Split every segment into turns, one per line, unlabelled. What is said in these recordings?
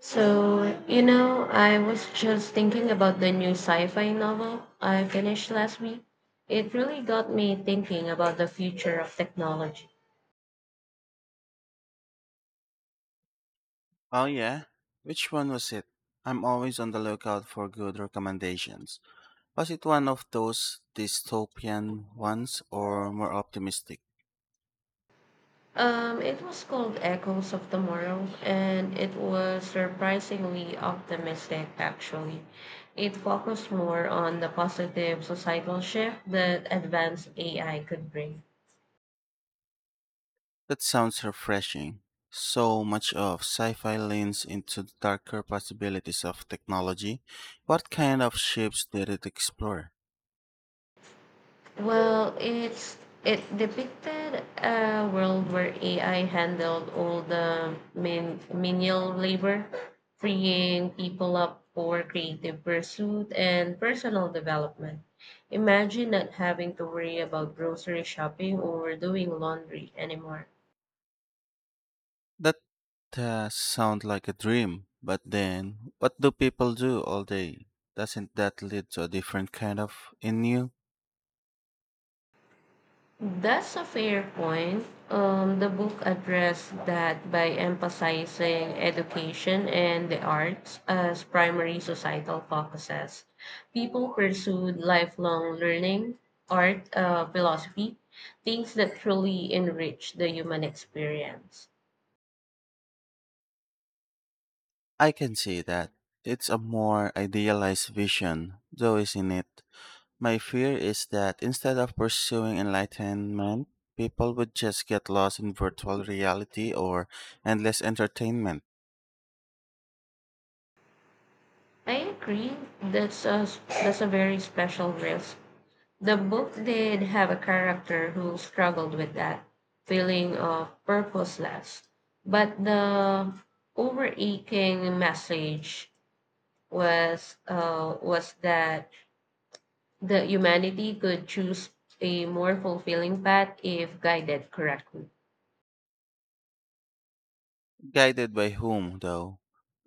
So, you know, I was just thinking about the new sci fi novel I finished last week. It really got me thinking about the future of technology.
Oh, yeah? Which one was it? I'm always on the lookout for good recommendations. Was it one of those dystopian ones or more optimistic?
It was called Echoes of Tomorrow, and it was surprisingly optimistic, actually. It focused more on the positive societal shift that advanced AI could bring.
That sounds refreshing. So much of sci fi leans into the darker possibilities of technology. What kind of shapes did it explore?
Well, it depicted a world where AI handled all the menial labor, freeing people up for creative pursuit and personal development. Imagine not having to worry about grocery shopping or doing laundry anymore.
That Sounds like a dream, but then what do people do all day? Doesn't that lead to a different kind of in you?
That's a fair point. The book addressed that by emphasizing education and the arts as primary societal focuses. People pursued lifelong learning, art, philosophy, things that truly enrich the human experience.
I can see that. It's a more idealized vision, though, isn't it? My fear is that instead of pursuing enlightenment, people would just get lost in virtual reality or endless entertainment.
I agree. That's a very special risk. The book did have a character who struggled with that feeling of purposeless, but the overarching message was that the humanity could choose a more fulfilling path if guided correctly.
Guided by whom, though?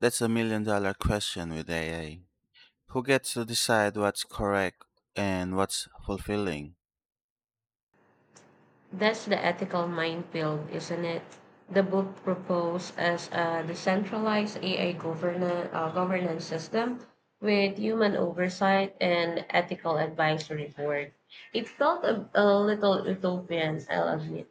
That's a million dollar question with AI. Who gets to decide what's correct and what's fulfilling?
That's the ethical minefield, isn't it? The book proposed as a decentralized governance system with human oversight and ethical advisory board. It felt a little utopian, I'll admit.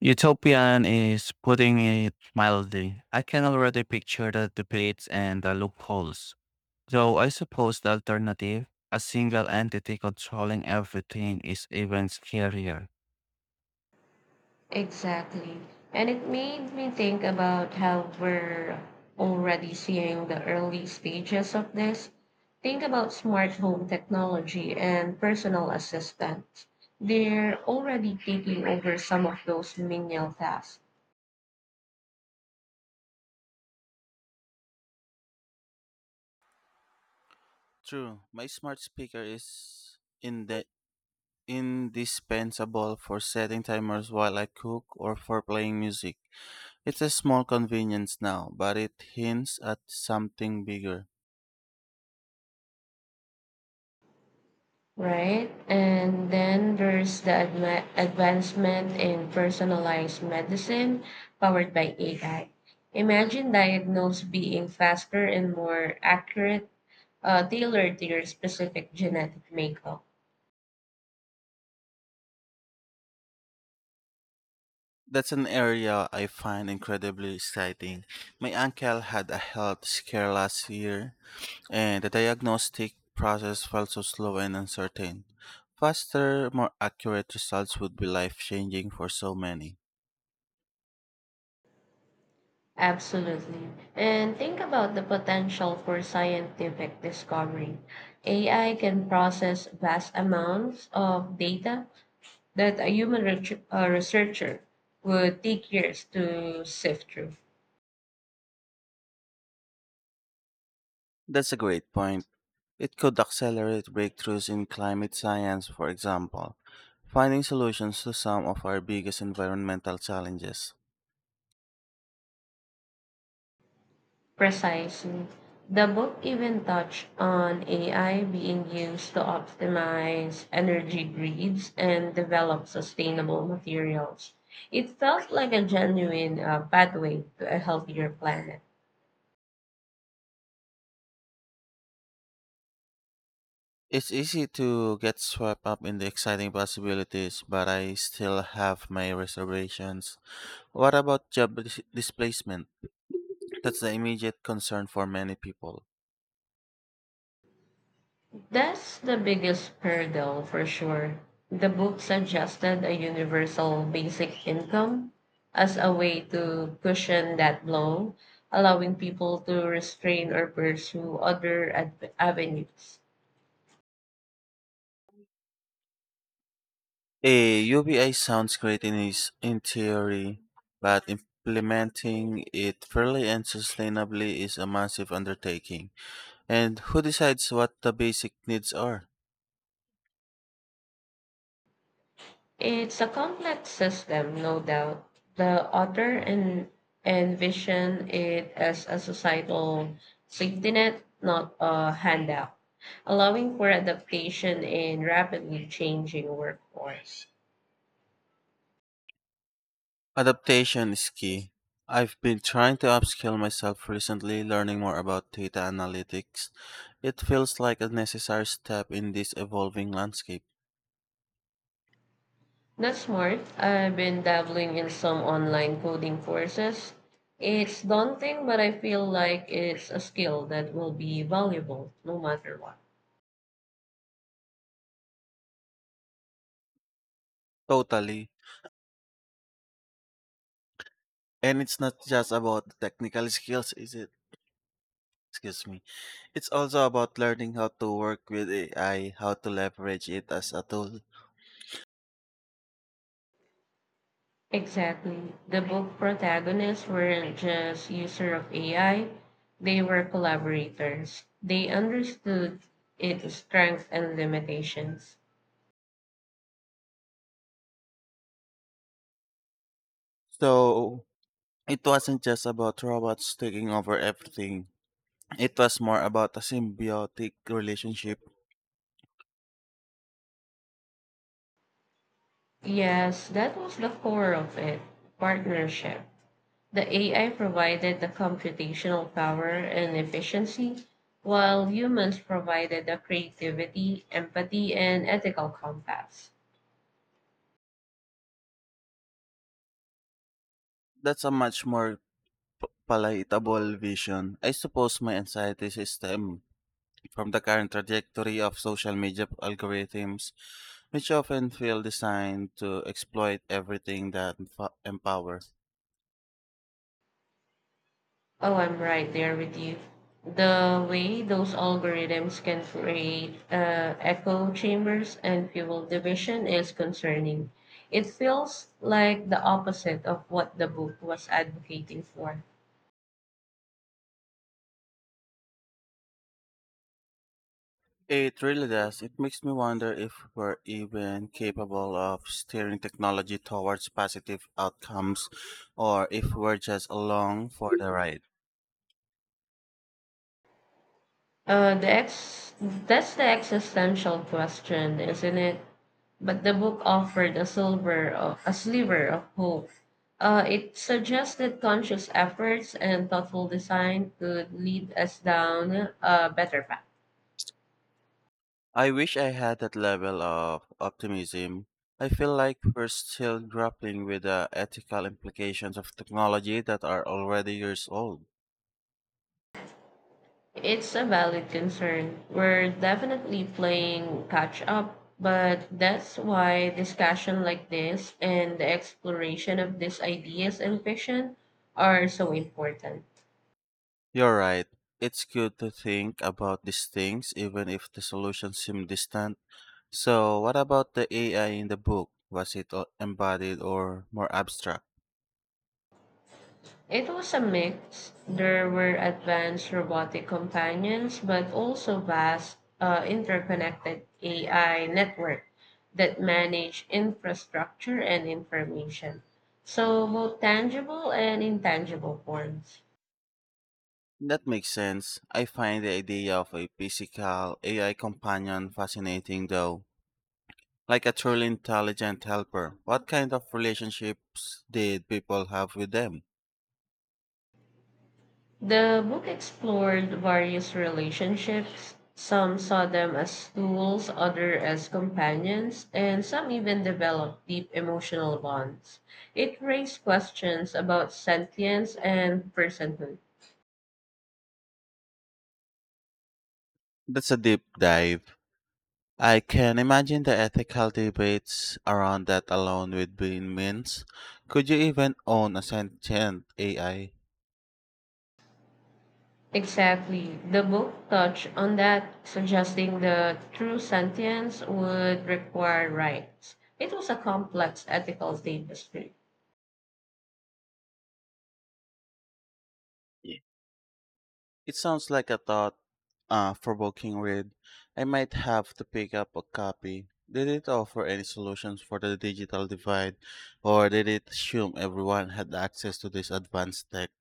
Utopian is putting it mildly. I can already picture the debates and the loopholes. So I suppose the alternative, a single entity controlling everything, is even scarier.
Exactly. And it made me think about how we're already seeing the early stages of this. Think about smart home technology and personal assistants. They're already taking over some of those menial tasks,
True, my smart speaker is in the indispensable for setting timers while I cook or for playing music. It's a small convenience now, but it hints at something bigger.
right? And then there's the advancement in personalized medicine powered by AI. Imagine diagnose being faster and more accurate, tailored to your specific genetic makeup.
That's an area I find incredibly exciting. My uncle had a health scare last year and the diagnostic process felt so slow and uncertain. Faster, more accurate results would be life changing for so many.
Absolutely. And think about the potential for scientific discovery. AI can process vast amounts of data that a researcher would take years to sift through.
That's a great point. It could accelerate breakthroughs in climate science, for example, finding solutions to some of our biggest environmental challenges.
Precisely. The book even touched on AI being used to optimize energy grids and develop sustainable materials. It felt like a genuine pathway to a healthier planet.
It's easy to get swept up in the exciting possibilities, but I still have my reservations. What about displacement? That's the immediate concern for many people.
That's the biggest hurdle for sure. The book suggested a universal basic income as a way to cushion that blow, allowing people to restrain or pursue other avenues.
A UBI sounds great in theory, but implementing it fairly and sustainably is a massive undertaking. And who decides what the basic needs are?
It's a complex system, no doubt. The author envisioned it as a societal safety net, not a handout, allowing for adaptation in rapidly changing workforce.
Adaptation is key. I've been trying to upskill myself recently, learning more about data analytics. It feels like a necessary step in this evolving landscape.
That's smart. I've been dabbling in some online coding courses. It's daunting, but I feel like it's a skill that will be valuable no matter what.
Totally. And it's not just about the technical skills, is it? Excuse me. It's also about learning how to work with AI, how to leverage it as a tool.
Exactly. The book protagonists weren't just user of AI, they were collaborators. They understood its strengths and limitations.
So it wasn't just about robots taking over everything. It was more about a symbiotic relationship.
Yes, that was the core of it, partnership. The AI provided the computational power and efficiency, while humans provided the creativity, empathy, and ethical compass.
That's a much more palatable vision. I suppose my anxiety system from the current trajectory of social media algorithms, which often feel designed to exploit everything that empowers.
Oh, I'm right there with you. The way those algorithms can create echo chambers and fuel division is concerning. It feels like the opposite of what the book was advocating for.
It really does. It makes me wonder if we're even capable of steering technology towards positive outcomes or if we're just along for the ride.
That's the existential question, isn't it? But the book offered a sliver of hope. It suggests that conscious efforts and thoughtful design could lead us down a better path.
I wish I had that level of optimism. I feel like we're still grappling with the ethical implications of technology that are already years old.
It's a valid concern. We're definitely playing catch up, but that's why discussion like this and the exploration of these ideas in fiction are so important.
You're right. It's good to think about these things even if the solutions seem distant. So, what about the AI in the book? Was it embodied or more abstract?
It was a mix. There were advanced robotic companions, but also vast, interconnected AI network that manage infrastructure and information. So both tangible and intangible forms.
That makes sense. I find the idea of a physical AI companion fascinating though. Like a truly intelligent helper. What kind of relationships did people have with them?
The book explored various relationships. Some saw them as tools, others as companions, and some even developed deep emotional bonds. It raised questions about sentience and personhood.
That's a deep dive. I can imagine the ethical debates around that alone would be immense. Could you even own a sentient AI?
Exactly. The book touched on that, suggesting that true sentience would require rights. It was a complex ethical tapestry.
Y- It sounds like a thought provoking read. I might have to pick up a copy. Did it offer any solutions for the digital divide, or did it assume everyone had access to this advanced tech?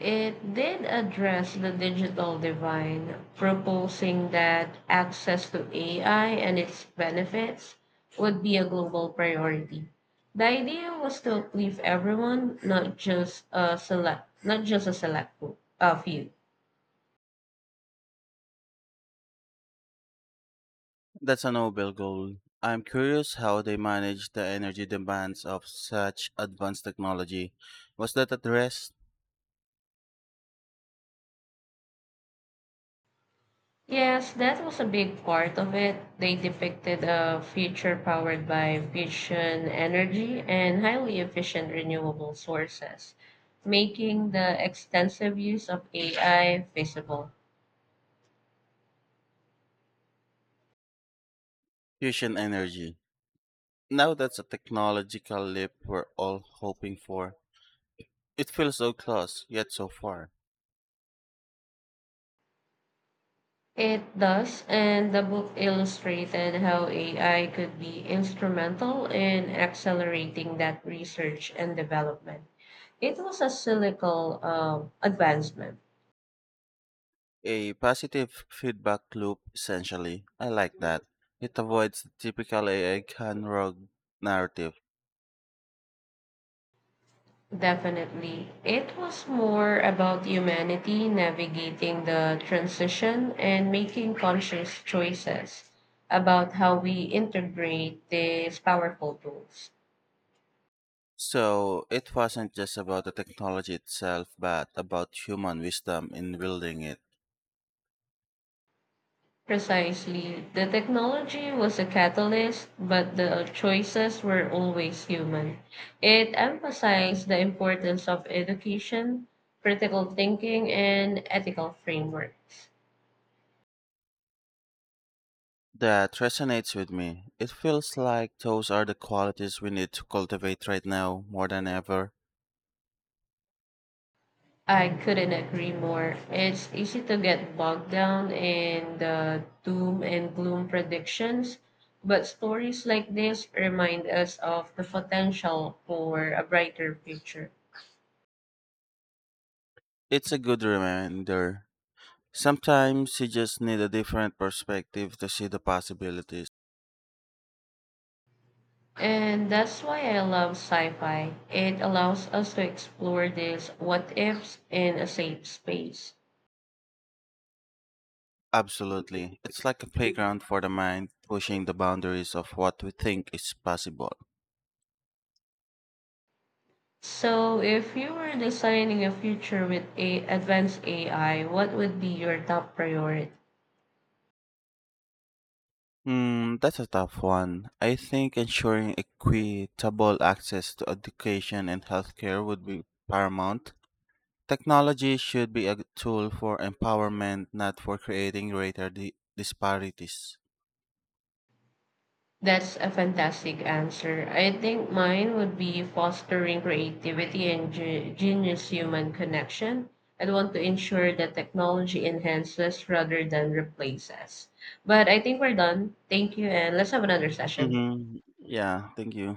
It did address the digital divide, proposing that access to AI and its benefits would be a global priority. The idea was to uplift everyone, not just a select group, a few.
That's a noble goal. I'm curious how they manage the energy demands of such advanced technology. Was that addressed?
Yes, that was a big part of it. They depicted a future powered by fusion energy and highly efficient renewable sources, making the extensive use of AI feasible.
Fusion energy. Now that's a technological leap we're all hoping for. It feels so close, yet so far.
It does, and the book illustrated how AI could be instrumental in accelerating that research and development. It was a cyclical, advancement.
A positive feedback loop, essentially. I like that. It avoids the typical AI can rogue narrative.
Definitely. It was more about humanity navigating the transition and making conscious choices about how we integrate these powerful tools.
So it wasn't just about the technology itself, but about human wisdom in building it.
Precisely. The technology was a catalyst, but the choices were always human. It emphasized the importance of education, critical thinking, and ethical frameworks.
That resonates with me. It feels like those are the qualities we need to cultivate right now more than ever.
I couldn't agree more. It's easy to get bogged down in the doom and gloom predictions, but stories like this remind us of the potential for a brighter future.
It's a good reminder. Sometimes you just need a different perspective to see the possibilities.
And that's why I love sci fi. It allows us to explore these what ifs in a safe space.
Absolutely. It's like a playground for the mind, pushing the boundaries of what we think is possible.
So, if you were designing a future with advanced AI, what would be your top priority?
Hmm, that's a tough one. I think ensuring equitable access to education and healthcare would be paramount. Technology should be a tool for empowerment, not for creating greater disparities.
That's a fantastic answer. I think mine would be fostering creativity and genius human connection. I want to ensure that technology enhances rather than replaces. But I think we're done. Thank you, and let's have another session.
Hmm. Yeah, thank you.